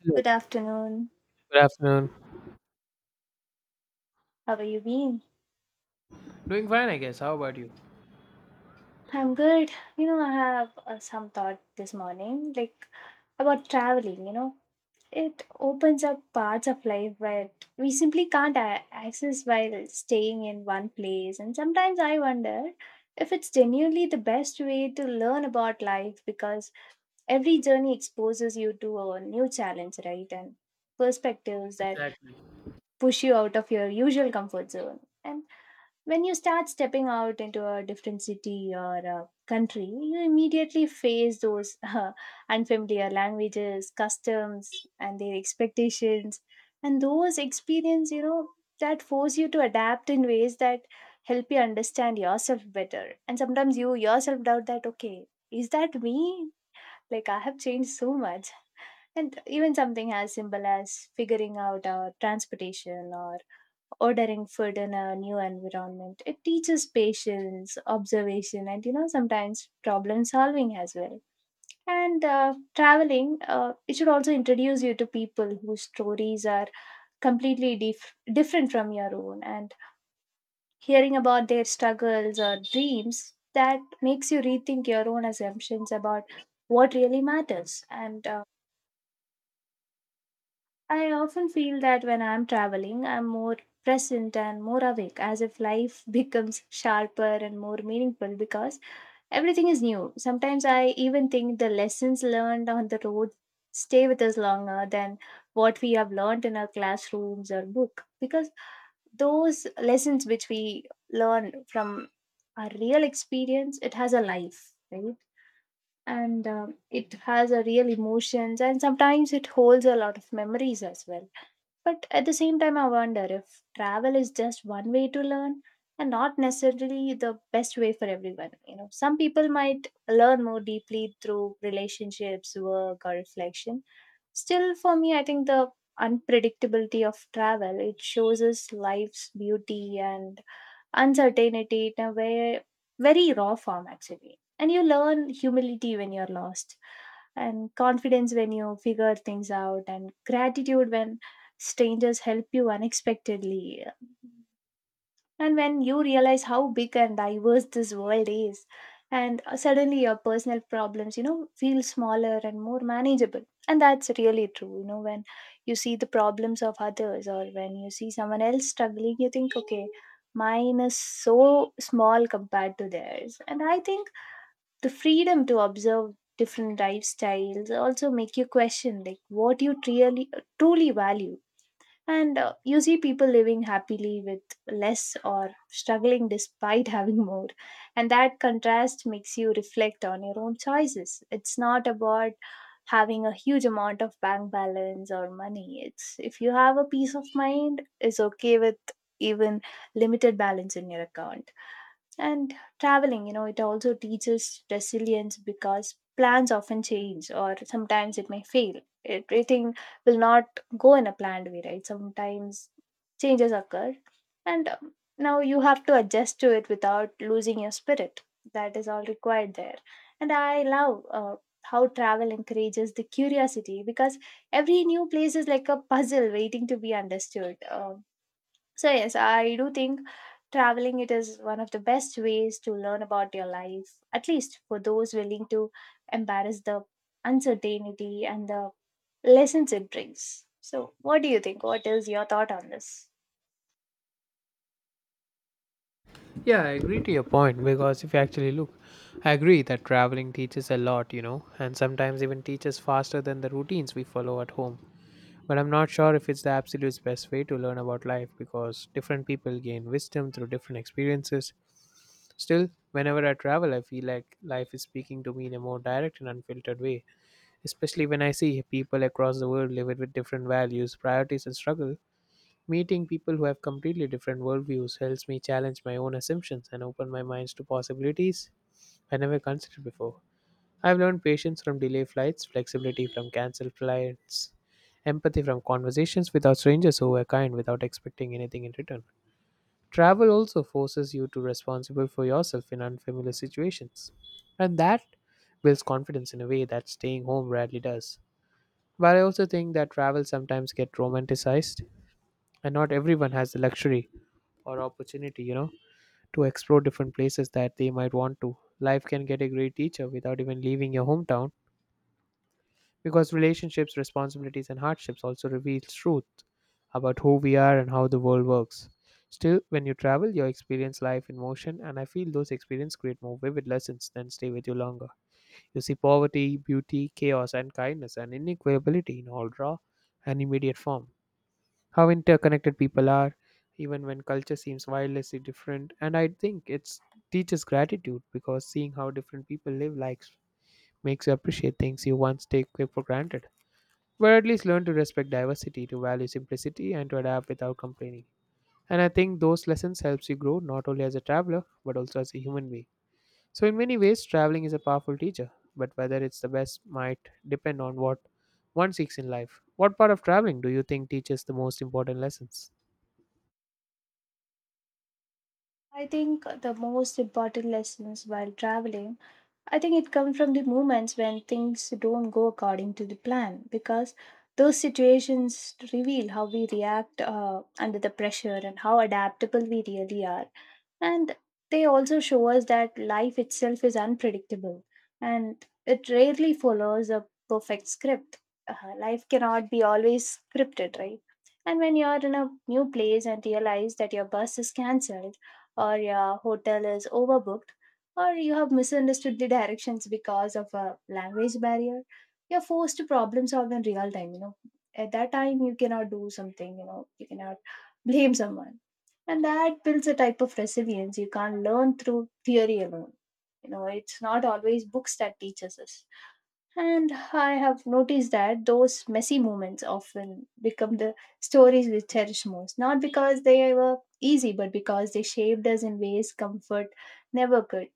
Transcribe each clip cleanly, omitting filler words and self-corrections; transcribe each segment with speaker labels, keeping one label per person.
Speaker 1: Hello,
Speaker 2: Good afternoon.
Speaker 1: good afternoon.
Speaker 2: How are you been?
Speaker 1: Doing fine, I guess. How about you?
Speaker 2: I'm good. You know, I have some thought this morning, like about traveling. You know, it opens up parts of life that we simply can't access while staying in one place. And sometimes I wonder if it's genuinely the best way to learn about life because every journey exposes you to a new challenge, right? And perspectives that
Speaker 1: Exactly.
Speaker 2: push you out of your usual comfort zone. And when you start stepping out into a different city or a country, you immediately face those unfamiliar languages, customs, and their expectations. And those experience, you know, that force you to adapt in ways that help you understand yourself better. And sometimes you yourself doubt that, okay, is that me? Like I have changed so much. And even something as simple as figuring out our transportation or ordering food in a new environment. It teaches patience, observation, and you know, sometimes problem solving as well. And traveling, it should also introduce you to people whose stories are completely different from your own. And hearing about their struggles or dreams, that makes you rethink your own assumptions about what really matters. And I often feel that when I'm traveling, I'm more present and more awake, as if life becomes sharper and more meaningful because everything is new. Sometimes I even think the lessons learned on the road stay with us longer than what we have learned in our classrooms or book because those lessons which we learn from our real experience it has a life, right? And it has a real emotions and sometimes it holds a lot of memories as well, but at the same time, I wonder if travel is just one way to learn and not necessarily the best way for everyone. You know, some people might learn more deeply through relationships, work, or reflection. Still, for me, I think the unpredictability of travel it shows us life's beauty and uncertainty in a way, very raw form actually. And you learn humility when you're lost, and confidence when you figure things out, and gratitude when strangers help you unexpectedly. And when you realize how big and diverse this world is, and suddenly your personal problems, you know, feel smaller and more manageable. And that's really true. You know, when you see the problems of others or when you see someone else struggling, you think, okay, mine is so small compared to theirs. And I think the freedom to observe different lifestyles also make you question like what you really truly value, and you see people living happily with less or struggling despite having more, and that contrast makes you reflect on your own choices. It's not about having a huge amount of bank balance or money. It's if you have a peace of mind, it's okay with even limited balance in your account. And traveling, you know, it also teaches resilience because plans often change or sometimes it may fail. Everything will not go in a planned way, right? Sometimes changes occur. And now you have to adjust to it without losing your spirit. That is all required there. And I love how travel encourages the curiosity because every new place is like a puzzle waiting to be understood. So yes, I do think traveling it is one of the best ways to learn about your life, at least for those willing to embrace the uncertainty and the lessons it brings. So what do you think? What is your thought on this?
Speaker 1: Yeah, I agree to your point because if you actually look, I agree that traveling teaches a lot, you know, and sometimes even teaches faster than the routines we follow at home. But I'm not sure if it's the absolute best way to learn about life because different people gain wisdom through different experiences. Still, whenever I travel, I feel like life is speaking to me in a more direct and unfiltered way, especially when I see people across the world live with different values, priorities, and struggle. Meeting people who have completely different worldviews helps me challenge my own assumptions and open my minds to possibilities I never considered before. I've learned patience from delay flights, flexibility from cancelled flights, empathy from conversations without strangers who were kind without expecting anything in return. Travel also forces you to responsible for yourself in unfamiliar situations, and that builds confidence in a way that staying home rarely does. But I also think that travel sometimes get romanticized, and not everyone has the luxury or opportunity, you know, to explore different places that they might want to. Life can get a great teacher without even leaving your hometown because relationships, responsibilities, and hardships also reveal truth about who we are and how the world works. Still, when you travel, you experience life in motion, and I feel those experiences create more vivid lessons than stay with you longer. You see poverty, beauty, chaos, and kindness and inequality in all raw and immediate form, how interconnected people are even when culture seems wildly different. And I think it's teaches gratitude because seeing how different people live lives makes you appreciate things you once take for granted, but at least learn to respect diversity, to value simplicity, and to adapt without complaining. And I think those lessons helps you grow not only as a traveler but also as a human being. So in many ways traveling is a powerful teacher, but whether it's the best might depend on what one seeks in life. What part of traveling do you think teaches the most important lessons?
Speaker 2: I think the most important lessons while traveling, I think it comes from the moments when things don't go according to the plan because those situations reveal how we react under the pressure and how adaptable we really are. And they also show us that life itself is unpredictable and it rarely follows a perfect script. Life cannot be always scripted, right? And when you're in a new place and realize that your bus is cancelled or your hotel is overbooked, or you have misunderstood the directions because of a language barrier, you're forced to problem solve in real time, you know. At that time you cannot do something, you know, you cannot blame someone, and that builds a type of resilience you can't learn through theory alone. You know, it's not always books that teaches us. And I have noticed that those messy moments often become the stories we cherish most, not because they were easy but because they shaped us in ways comfort never could.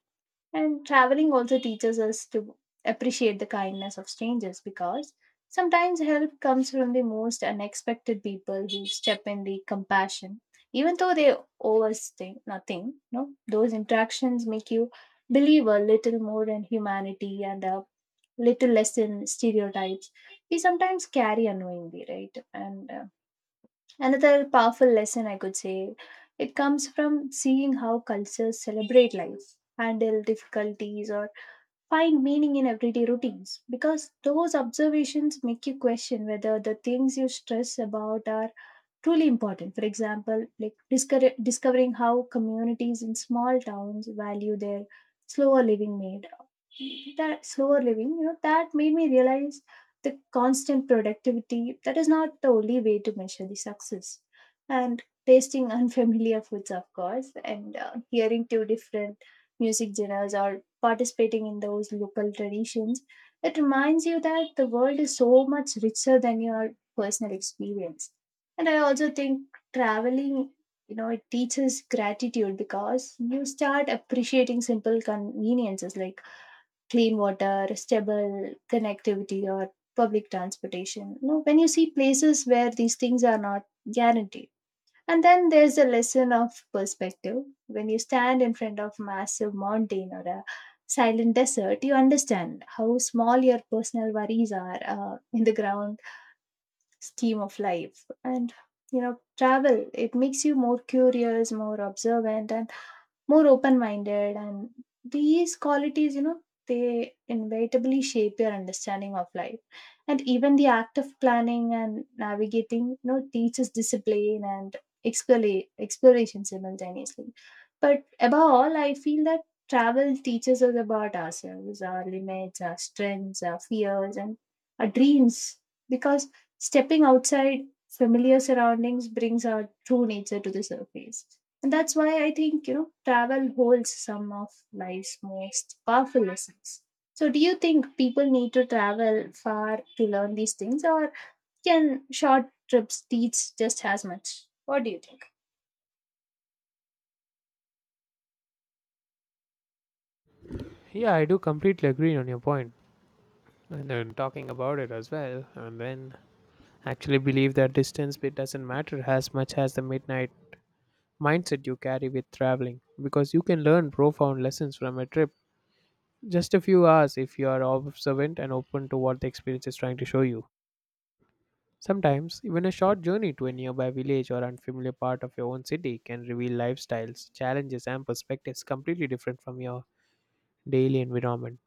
Speaker 2: And traveling also teaches us to appreciate the kindness of strangers because sometimes help comes from the most unexpected people who step in the compassion. Even though they owe us nothing, no, those interactions make you believe a little more in humanity and a little less in stereotypes we sometimes carry unknowingly, right? And another powerful lesson I could say it comes from seeing how cultures celebrate life, handle difficulties, or find meaning in everyday routines because those observations make you question whether the things you stress about are truly important. For example, like discovering how communities in small towns value their slower living, that slower living, you know, that made me realize the constant productivity that is not the only way to measure the success. And tasting unfamiliar foods, of course, and hearing two different music genres or participating in those local traditions, it reminds you that the world is so much richer than your personal experience. And I also think traveling, you know, it teaches gratitude because you start appreciating simple conveniences like clean water, stable connectivity, or public transportation. You know, when you see places where these things are not guaranteed. And then there's a lesson of perspective. When you stand in front of massive mountain or a silent desert, you understand how small your personal worries are in the ground scheme of life. And you know, travel it makes you more curious, more observant, and more open minded, and these qualities, you know, they inevitably shape your understanding of life. And even the act of planning and navigating, you know, teaches discipline and exploration simultaneously. But above all I feel that travel teaches us about ourselves, our limits, our strengths, our fears, and our dreams, because stepping outside familiar surroundings brings our true nature to the surface. And that's why I think, you know, travel holds some of life's most powerful lessons. So, do you think people need to travel far to learn these things, or can short trips teach just as much? What do you think?
Speaker 1: Yeah, I do completely agree on your point, and then talking about it as well, and then actually believe that distance bit doesn't matter as much as the midnight mindset you carry with traveling, because you can learn profound lessons from a trip just a few hours if you are observant and open to what the experience is trying to show you. Sometimes, even a short journey to a nearby village or unfamiliar part of your own city can reveal lifestyles, challenges, and perspectives completely different from your daily environment.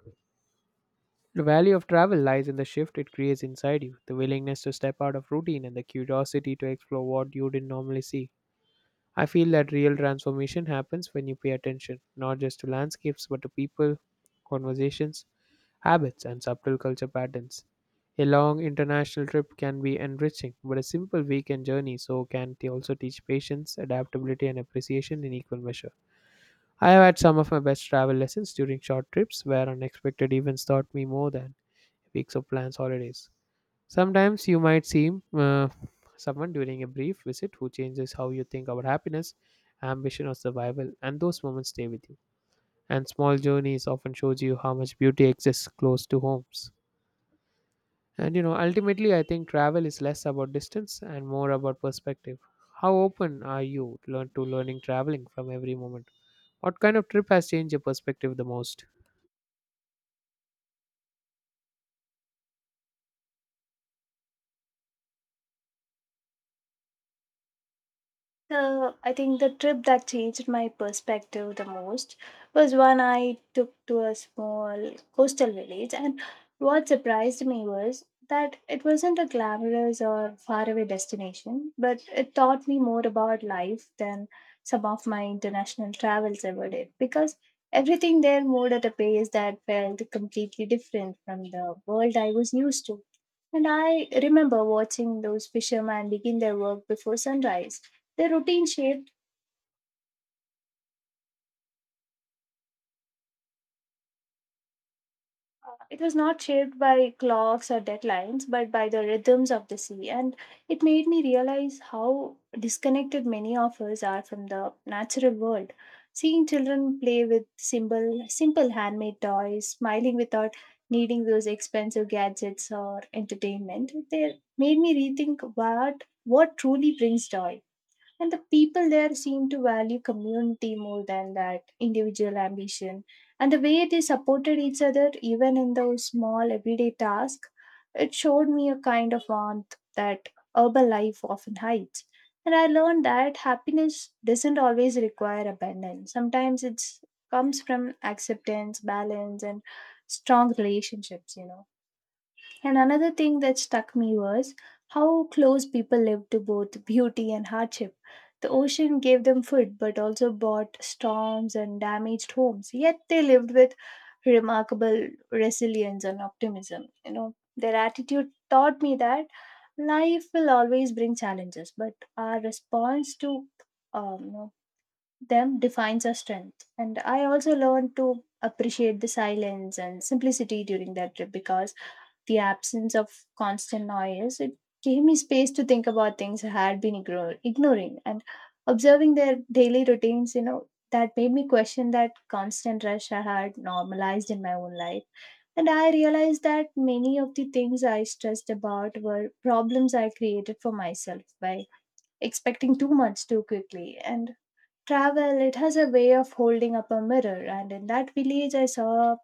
Speaker 1: The value of travel lies in the shift it creates inside you, the willingness to step out of routine, and the curiosity to explore what you didn't normally see. I feel that real transformation happens when you pay attention, not just to landscapes, but to people, conversations, habits, and subtle culture patterns. A long international trip can be enriching, but a simple weekend journey also teach patience, adaptability, and appreciation in equal measure. I have had some of my best travel lessons during short trips where unexpected events taught me more than weeks of plans holidays. Sometimes you might see uh, someone during a brief visit who changes how you think about happiness, ambition, or survival, and those moments stay with you. And small journeys often shows you how much beauty exists close to homes. And you know, ultimately, I think travel is less about distance and more about perspective. How open are you learning traveling from every moment? What kind of trip has changed your perspective the most?
Speaker 2: So I think the trip that changed my perspective the most was when I took to a small coastal village, and what surprised me was that it wasn't a glamorous or faraway destination, but it taught me more about life than some of my international travels ever did because everything there moved at a pace that felt completely different from the world I was used to. And I remember watching those fishermen begin their work before sunrise. Their routine shaped it was not shaped by clocks or deadlines, but by the rhythms of the sea. And it made me realize how disconnected many of us are from the natural world. Seeing children play with simple handmade toys, smiling without needing those expensive gadgets or entertainment, they made me rethink what truly brings joy, and the people there seem to value community more than that individual ambition, and the way they supported each other even in those small everyday tasks, it showed me a kind of warmth that urban life often hides. And I learned that happiness doesn't always require abundance. Sometimes it comes from acceptance, balance, and strong relationships, you know. And another thing that struck me was how close people lived to both beauty and hardship. The ocean gave them food, but also brought storms and damaged homes. Yet they lived with remarkable resilience and optimism. You know, their attitude taught me that life will always bring challenges, but our response to um, you know, them defines our strength. And I also learned to appreciate the silence and simplicity during that trip because the absence of constant noise, it gave me space to think about things I had been ignoring, and observing their daily routines, you know, that made me question that constant rush I had normalized in my own life. And I realized that many of the things I stressed about were problems I created for myself by expecting too much too quickly. And travel, it has a way of holding up a mirror, and in that village, I saw a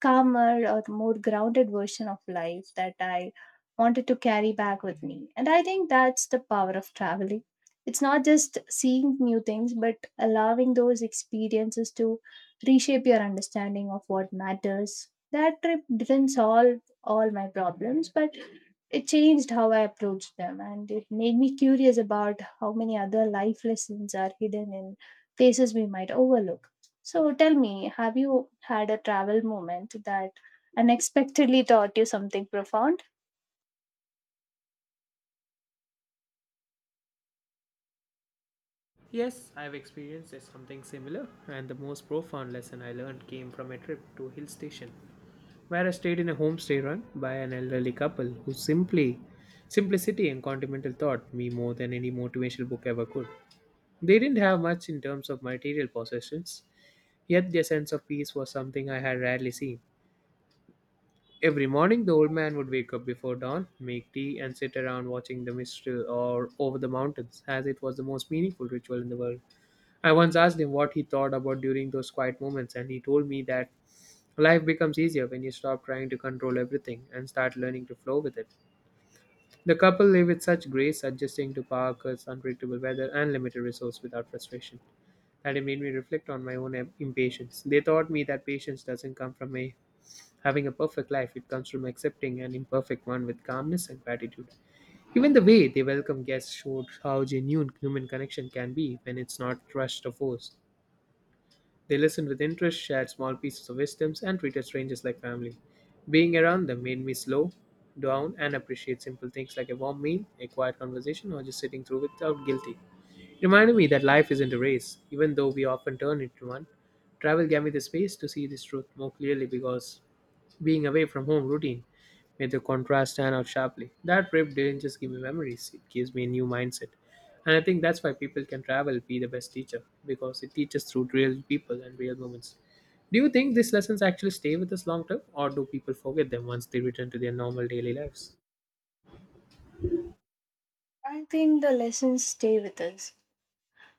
Speaker 2: calmer or more grounded version of life that I wanted to carry back with me. And I think that's the power of traveling. It's not just seeing new things, but allowing those experiences to reshape your understanding of what matters. That trip didn't solve all my problems, but it changed how I approached them, and it made me curious about how many other life lessons are hidden in places we might overlook. So, tell me, have you had a travel moment that unexpectedly taught you something profound?
Speaker 1: Yes, I've experienced something similar, and the most profound lesson I learned came from a trip to a hill station, where I stayed in a homestay run by an elderly couple who simply simplicity and continental taught me more than any motivational book ever could. They didn't have much in terms of material possessions, yet their sense of peace was something I had rarely seen. Every morning, the old man would wake up before dawn, make tea, and sit around watching the mistral or over the mountains, as it was the most meaningful ritual in the world. I once asked him what he thought about during those quiet moments, and he told me that life becomes easier when you stop trying to control everything and start learning to flow with it. The couple live with such grace, adjusting to Parker's unpredictable weather and limited resource without frustration, that it made me reflect on my own impatience. They taught me that patience doesn't come from having a perfect life, it comes from accepting an imperfect one with calmness and gratitude. Even the way they welcome guests showed how genuine human connection can be when it's not rushed or forced. They listened with interest, shared small pieces of wisdoms, and treated strangers like family. Being around them made me slow down and appreciate simple things like a warm meal, a quiet conversation, or just sitting through without guilty. It reminded me that life isn't a race, even though we often turn it into one. Travel gave me the space to see this truth more clearly because being away from home routine made the contrast stand out sharply. That trip didn't just give me memories, it gives me a new mindset. And I think that's why people can travel be the best teacher, because it teaches through real people and real moments. Do you think these lessons actually stay with us long term, or do people forget them once they return to their normal daily lives?
Speaker 2: I think the lessons stay with us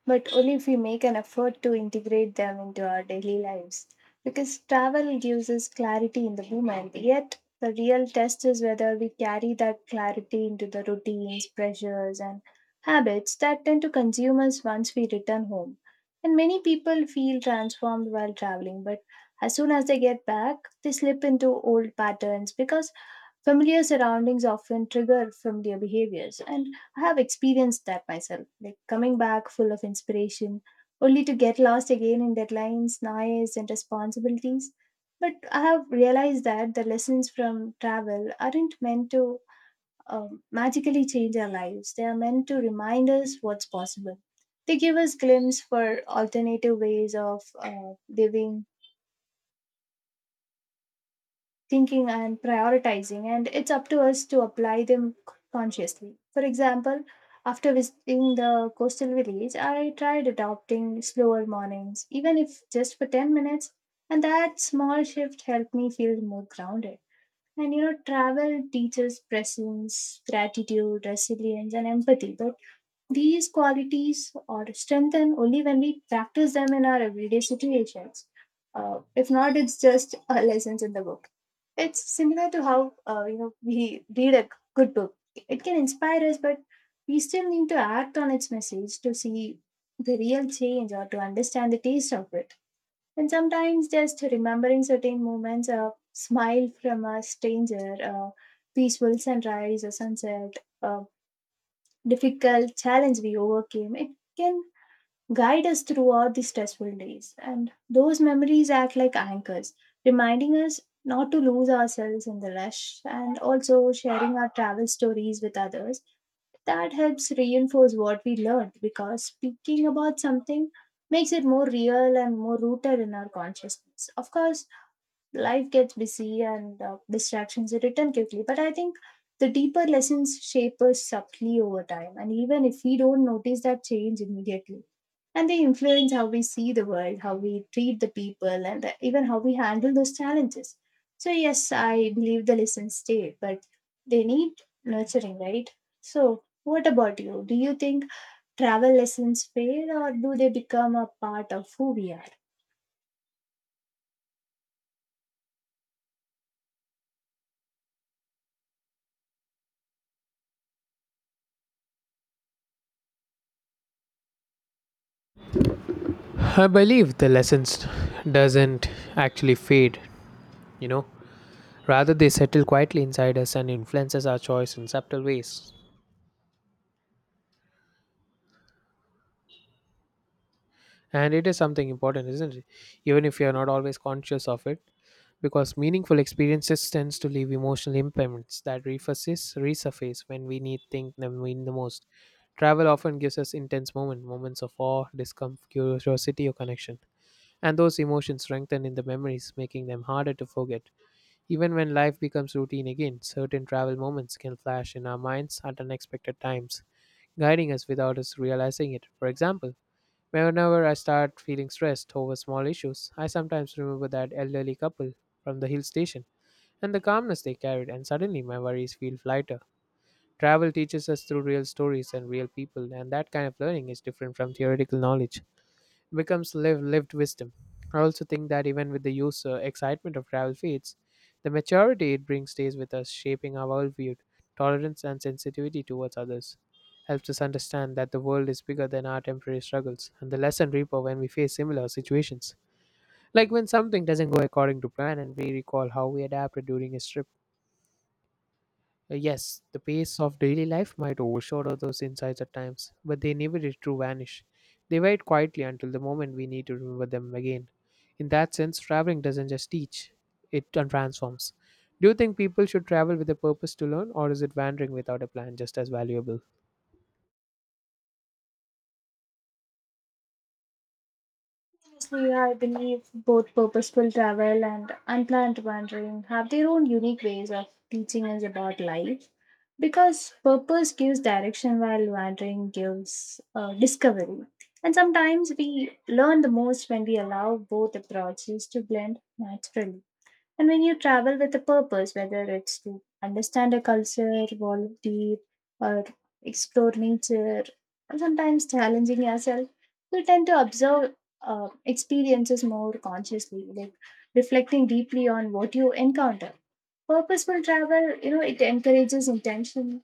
Speaker 2: but only if we make an effort to integrate them into our daily lives. Because travel gives us clarity in the moment, yet the real test is whether we carry that clarity into the routines, pressures, and habits that tend to consume us once we return home. And many people feel transformed while traveling, but as soon as they get back, they slip into old patterns because familiar surroundings often trigger familiar behaviors, and I have experienced that myself, like coming back full of inspiration, only to get lost again in deadlines, noise, and responsibilities. But I have realized that the lessons from travel aren't meant to magically change our lives. They are meant to remind us what's possible. They give us glimpse for alternative ways of living, thinking, and prioritizing, and it's up to us to apply them consciously. For example, after visiting the coastal village, I tried adopting slower mornings, even if just for 10 minutes, and that small shift helped me feel more grounded. And you know, travel teaches presence, gratitude, resilience, and empathy. These qualities are strengthened only when we practice them in our everyday situations. If not, it's just lessons in the book. It's similar to how you know, we read a good book. It can inspire us, but we still need to act on its message to see the real change or to understand the taste of it. And sometimes just remembering certain moments, a smile from a stranger, a peaceful sunrise or sunset, a difficult challenge we overcame, it can guide us throughout the stressful days. And those memories act like anchors, reminding us not to lose ourselves in the rush, and also sharing our travel stories with others. That helps reinforce what we learned, because speaking about something makes it more real and more rooted in our consciousness. Of course, life gets busy and distractions return quickly. But I think the deeper lessons shape us subtly over time, and even if we don't notice that change immediately, and they influence how we see the world, how we treat the people, and even how we handle those challenges. So, yes, I believe the lessons stay, but they need nurturing, right? So, what about you? Do you think travel lessons fade, or do they become a part of who we are?
Speaker 1: I believe the lessons doesn't actually fade, you know. Rather, they settle quietly inside us and influences our choice in subtle ways. And it is something important, isn't it? Even if you are not always conscious of it, because meaningful experiences tends to leave emotional impairments that resurface when we need think them mean the most. Travel often gives us moments of awe, discomfort, curiosity, or connection. And those emotions strengthen in the memories, making them harder to forget. Even when life becomes routine again, certain travel moments can flash in our minds at unexpected times, guiding us without us realizing it. For example, whenever I start feeling stressed over small issues, I sometimes remember that elderly couple from the hill station and the calmness they carried, and suddenly my worries feel lighter. Travel teaches us through real stories and real people, and that kind of learning is different from theoretical knowledge, becomes live lived wisdom. I also think that even with the youth's excitement of travel fades, the maturity it brings stays with us, shaping our worldview, tolerance, and sensitivity towards others. Helps us understand that the world is bigger than our temporary struggles, and the lesson reaper when we face similar situations. Like when something doesn't go according to plan, and we recall how we adapted during a trip. Yes, the pace of daily life might overshadow those insights at times, but they never did true vanish. They wait quietly until the moment we need to remember them again. In that sense, traveling doesn't just teach, it transforms. Do you think people should travel with a purpose to learn, or is it wandering without a plan just as valuable?
Speaker 2: Honestly, I believe both purposeful travel and unplanned wandering have their own unique ways of teaching us about life, because purpose gives direction while wandering gives discovery. And sometimes we learn the most when we allow both approaches to blend naturally. And when you travel with a purpose, whether it's to understand a culture, volunteer, or explore nature, or sometimes challenging yourself, you tend to observe experiences more consciously, like reflecting deeply on what you encounter. Purposeful travel, you know, it encourages intention,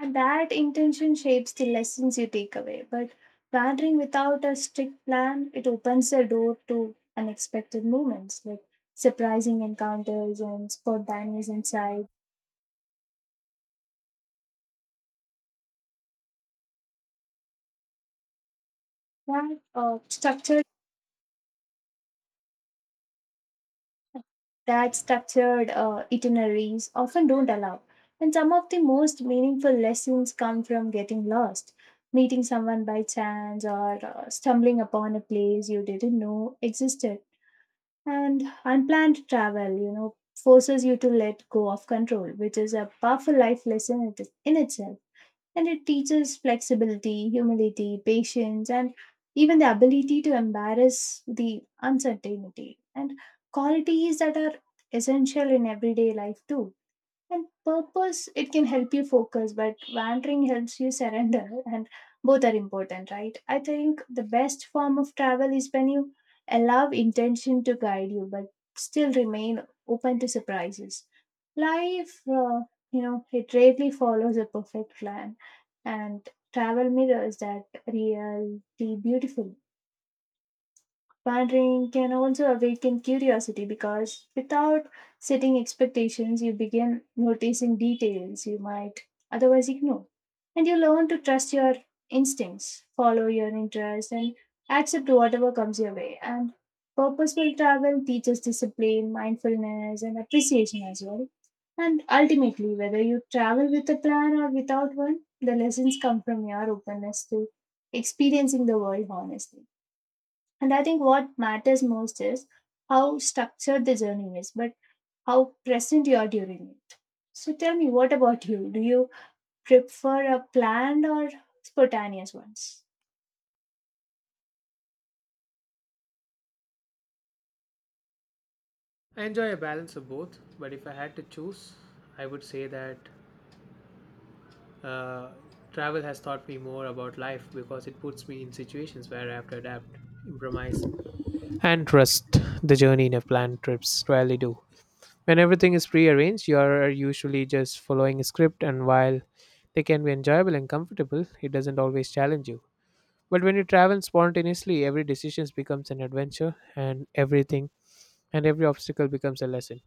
Speaker 2: and that intention shapes the lessons you take away. But wandering without a strict plan, it opens the door to unexpected moments like surprising encounters and spontaneous insights that structured itineraries often don't allow. And some of the most meaningful lessons come from getting lost, meeting someone by chance, or stumbling upon a place you didn't know existed. And unplanned travel, you know, forces you to let go of control, which is a powerful life lesson in itself. And it teaches flexibility, humility, patience, and even the ability to embrace the uncertainty, and qualities that are essential in everyday life, too. And purpose, it can help you focus, but wandering helps you surrender, and both are important, right? I think the best form of travel is when you allow intention to guide you, but still remain open to surprises. Life, you know, it rarely follows a perfect plan, and travel mirrors that reality beautifully. Wandering can also awaken curiosity, because without setting expectations, you begin noticing details you might otherwise ignore. And you learn to trust your instincts, follow your interests, and accept whatever comes your way. And purposeful travel teaches discipline, mindfulness, and appreciation as well. And ultimately, whether you travel with a plan or without one, the lessons come from your openness to experiencing the world honestly. And I think what matters most is how structured the journey is, but how present you are during it. So tell me, what about you? Do you prefer a planned or spontaneous ones?
Speaker 1: I enjoy a balance of both, but if I had to choose, I would say that Uh, travel has taught me more about life because it puts me in situations where I have to adapt, improvise, and trust the journey in a planned trips rarely do. When everything is prearranged, you are usually just following a script, and while they can be enjoyable and comfortable, it doesn't always challenge you. But when you travel spontaneously, every decision becomes an adventure, and every obstacle becomes a lesson.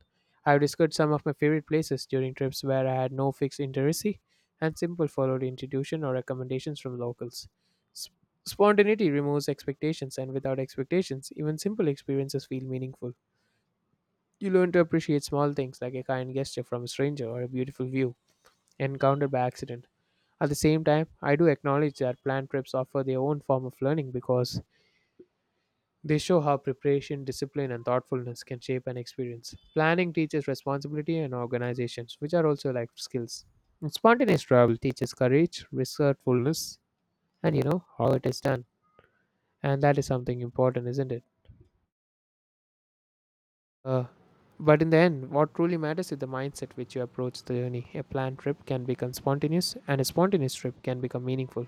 Speaker 1: I've discovered some of my favorite places during trips where I had no fixed itinerary and simple followed intuition or recommendations from locals. Sp- Spontaneity removes expectations, and without expectations, even simple experiences feel meaningful. You learn to appreciate small things like a kind gesture from a stranger or a beautiful view encountered by accident. At the same time, I do acknowledge that planned trips offer their own form of learning because they show how preparation, discipline, and thoughtfulness can shape an experience. Planning teaches responsibility and organizations, which are also life skills. And spontaneous travel teaches courage, resourcefulness, and you know how it is done. And that is something important, isn't it? Uh, but in the end, what truly matters is the mindset which you approach the journey. A planned trip can become spontaneous, and a spontaneous trip can become meaningful.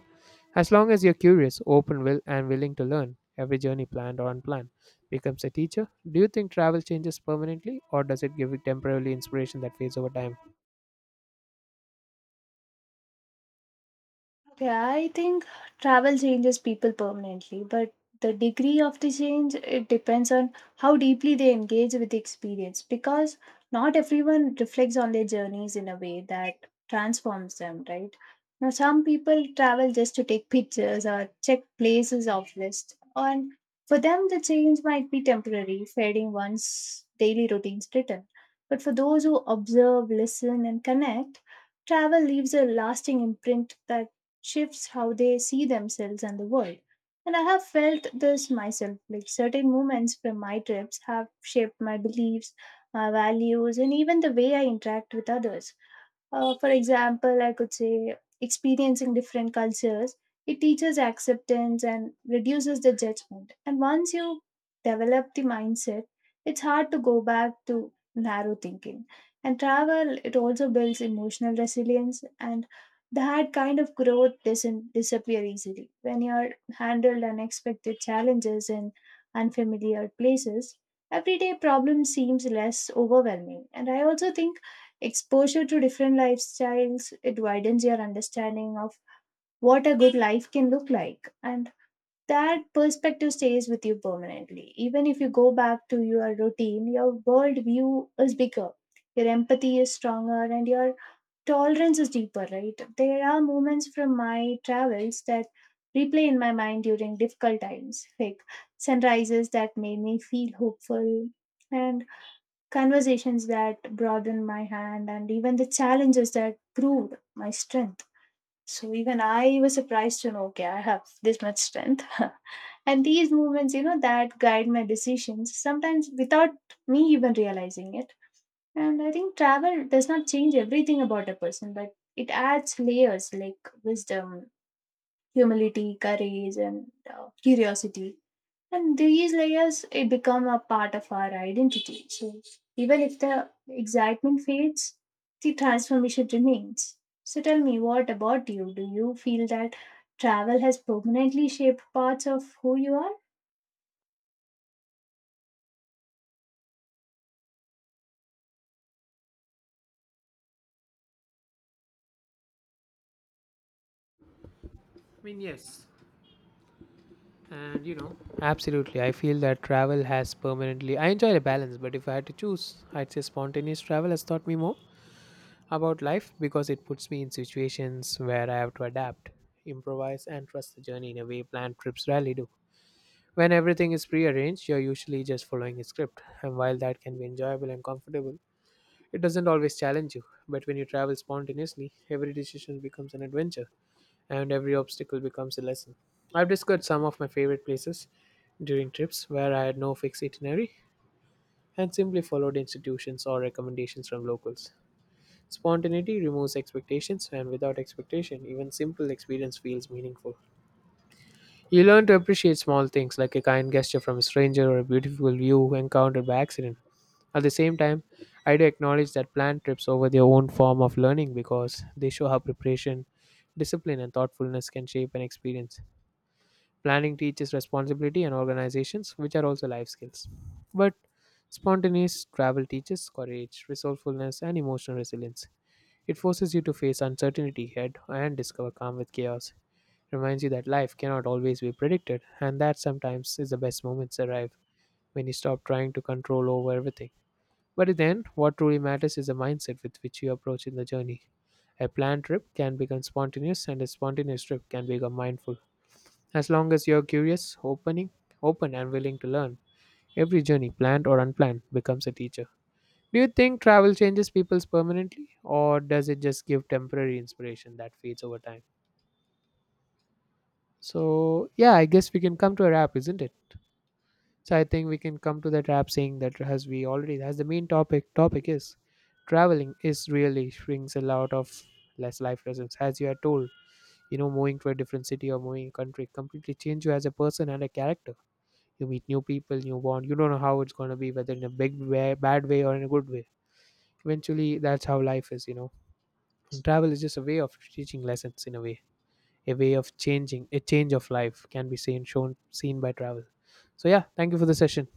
Speaker 1: As long as you're curious, and willing to learn, every journey, planned or unplanned, becomes a teacher. Do you think travel changes permanently, or does it give it temporarily inspiration that fades over time?
Speaker 2: Okay, I think travel changes people permanently, but the degree of the change it depends on how deeply they engage with the experience, because not everyone reflects on their journeys in a way that transforms them, right? Now some people travel just to take pictures or check places off list. And for them the change might be temporary, fading once daily routines return. But for those who observe, listen, and connect, travel leaves a lasting imprint that shifts how they see themselves and the world. And I have felt this myself. Like certain moments from my trips have shaped my beliefs, my values, and even the way I interact with others. For example, I could say experiencing different cultures, it teaches acceptance and reduces the judgment. And once you develop the mindset, it's hard to go back to narrow thinking. And travel, it also builds emotional resilience, and that kind of growth doesn't disappear easily. When you're handled unexpected challenges in unfamiliar places, everyday problem seems less overwhelming. And I also think exposure to different lifestyles, it widens your understanding of what a good life can look like. And that perspective stays with you permanently. Even if you go back to your routine, your world view is bigger, your empathy is stronger, and your tolerance is deeper, right? There are moments from my travels that replay in my mind during difficult times, like sunrises that made me feel hopeful, and conversations that broadened my hand, and even the challenges that proved my strength. So even I was surprised to know, okay, I have this much strength. And these movements, you know, that guide my decisions, sometimes without me even realizing it. And I think travel does not change everything about a person, but it adds layers like wisdom, humility, courage, and curiosity, and these layers it become a part of our identity. So even if the excitement fades, the transformation remains. So tell me, what about you? Do you feel that travel has permanently shaped parts of who you are?
Speaker 1: I mean, yes. And you know, absolutely. I feel that travel has permanently. I enjoy the balance, but if I had to choose, I'd say spontaneous travel has taught me more about life because it puts me in situations where I have to adapt, improvise, and trust the journey in a way planned trips rarely do. When everything is prearranged, you're usually just following a script, and while that can be enjoyable and comfortable, it doesn't always challenge you. But when you travel spontaneously, every decision becomes an adventure, and every obstacle becomes a lesson. I've discovered some of my favorite places during trips where I had no fixed itinerary and simply followed institutions or recommendations from locals. Spontaneity removes expectations, and without expectation, even simple experience feels meaningful. You learn to appreciate small things like a kind gesture from a stranger or a beautiful view encountered by accident. At the same time, I do acknowledge that planned trips over their own form of learning because they show how preparation, discipline, and thoughtfulness can shape an experience. Planning teaches responsibility and organizations, which are also life skills. But spontaneous travel teaches courage, resourcefulness, and emotional resilience. It forces you to face uncertainty head and discover calm with chaos. It reminds you that life cannot always be predicted, and that sometimes is the best moments arrive when you stop trying to control over everything. But then, what truly matters is the mindset with which you approach in the journey. A planned trip can become spontaneous, and a spontaneous trip can become mindful. As long as you're curious, open, and willing to learn, every journey, planned or unplanned, becomes a teacher. Do you think travel changes people's permanently, or does it just give temporary inspiration that fades over time? So, yeah, I guess we can come to a wrap, isn't it? So, I think we can come to that wrap saying that as we already, as the main topic is, traveling is really brings a lot of less life lessons. As you are told, you know, moving to a different city or moving country completely change you as a person and a character. You meet new people, new bond. You don't know how it's gonna be, whether in a big way, bad way or in a good way. Eventually, that's how life is, you know, travel is just a way of teaching lessons in a way, a way of changing, a change of life can be seen by travel. So yeah, thank you for the session.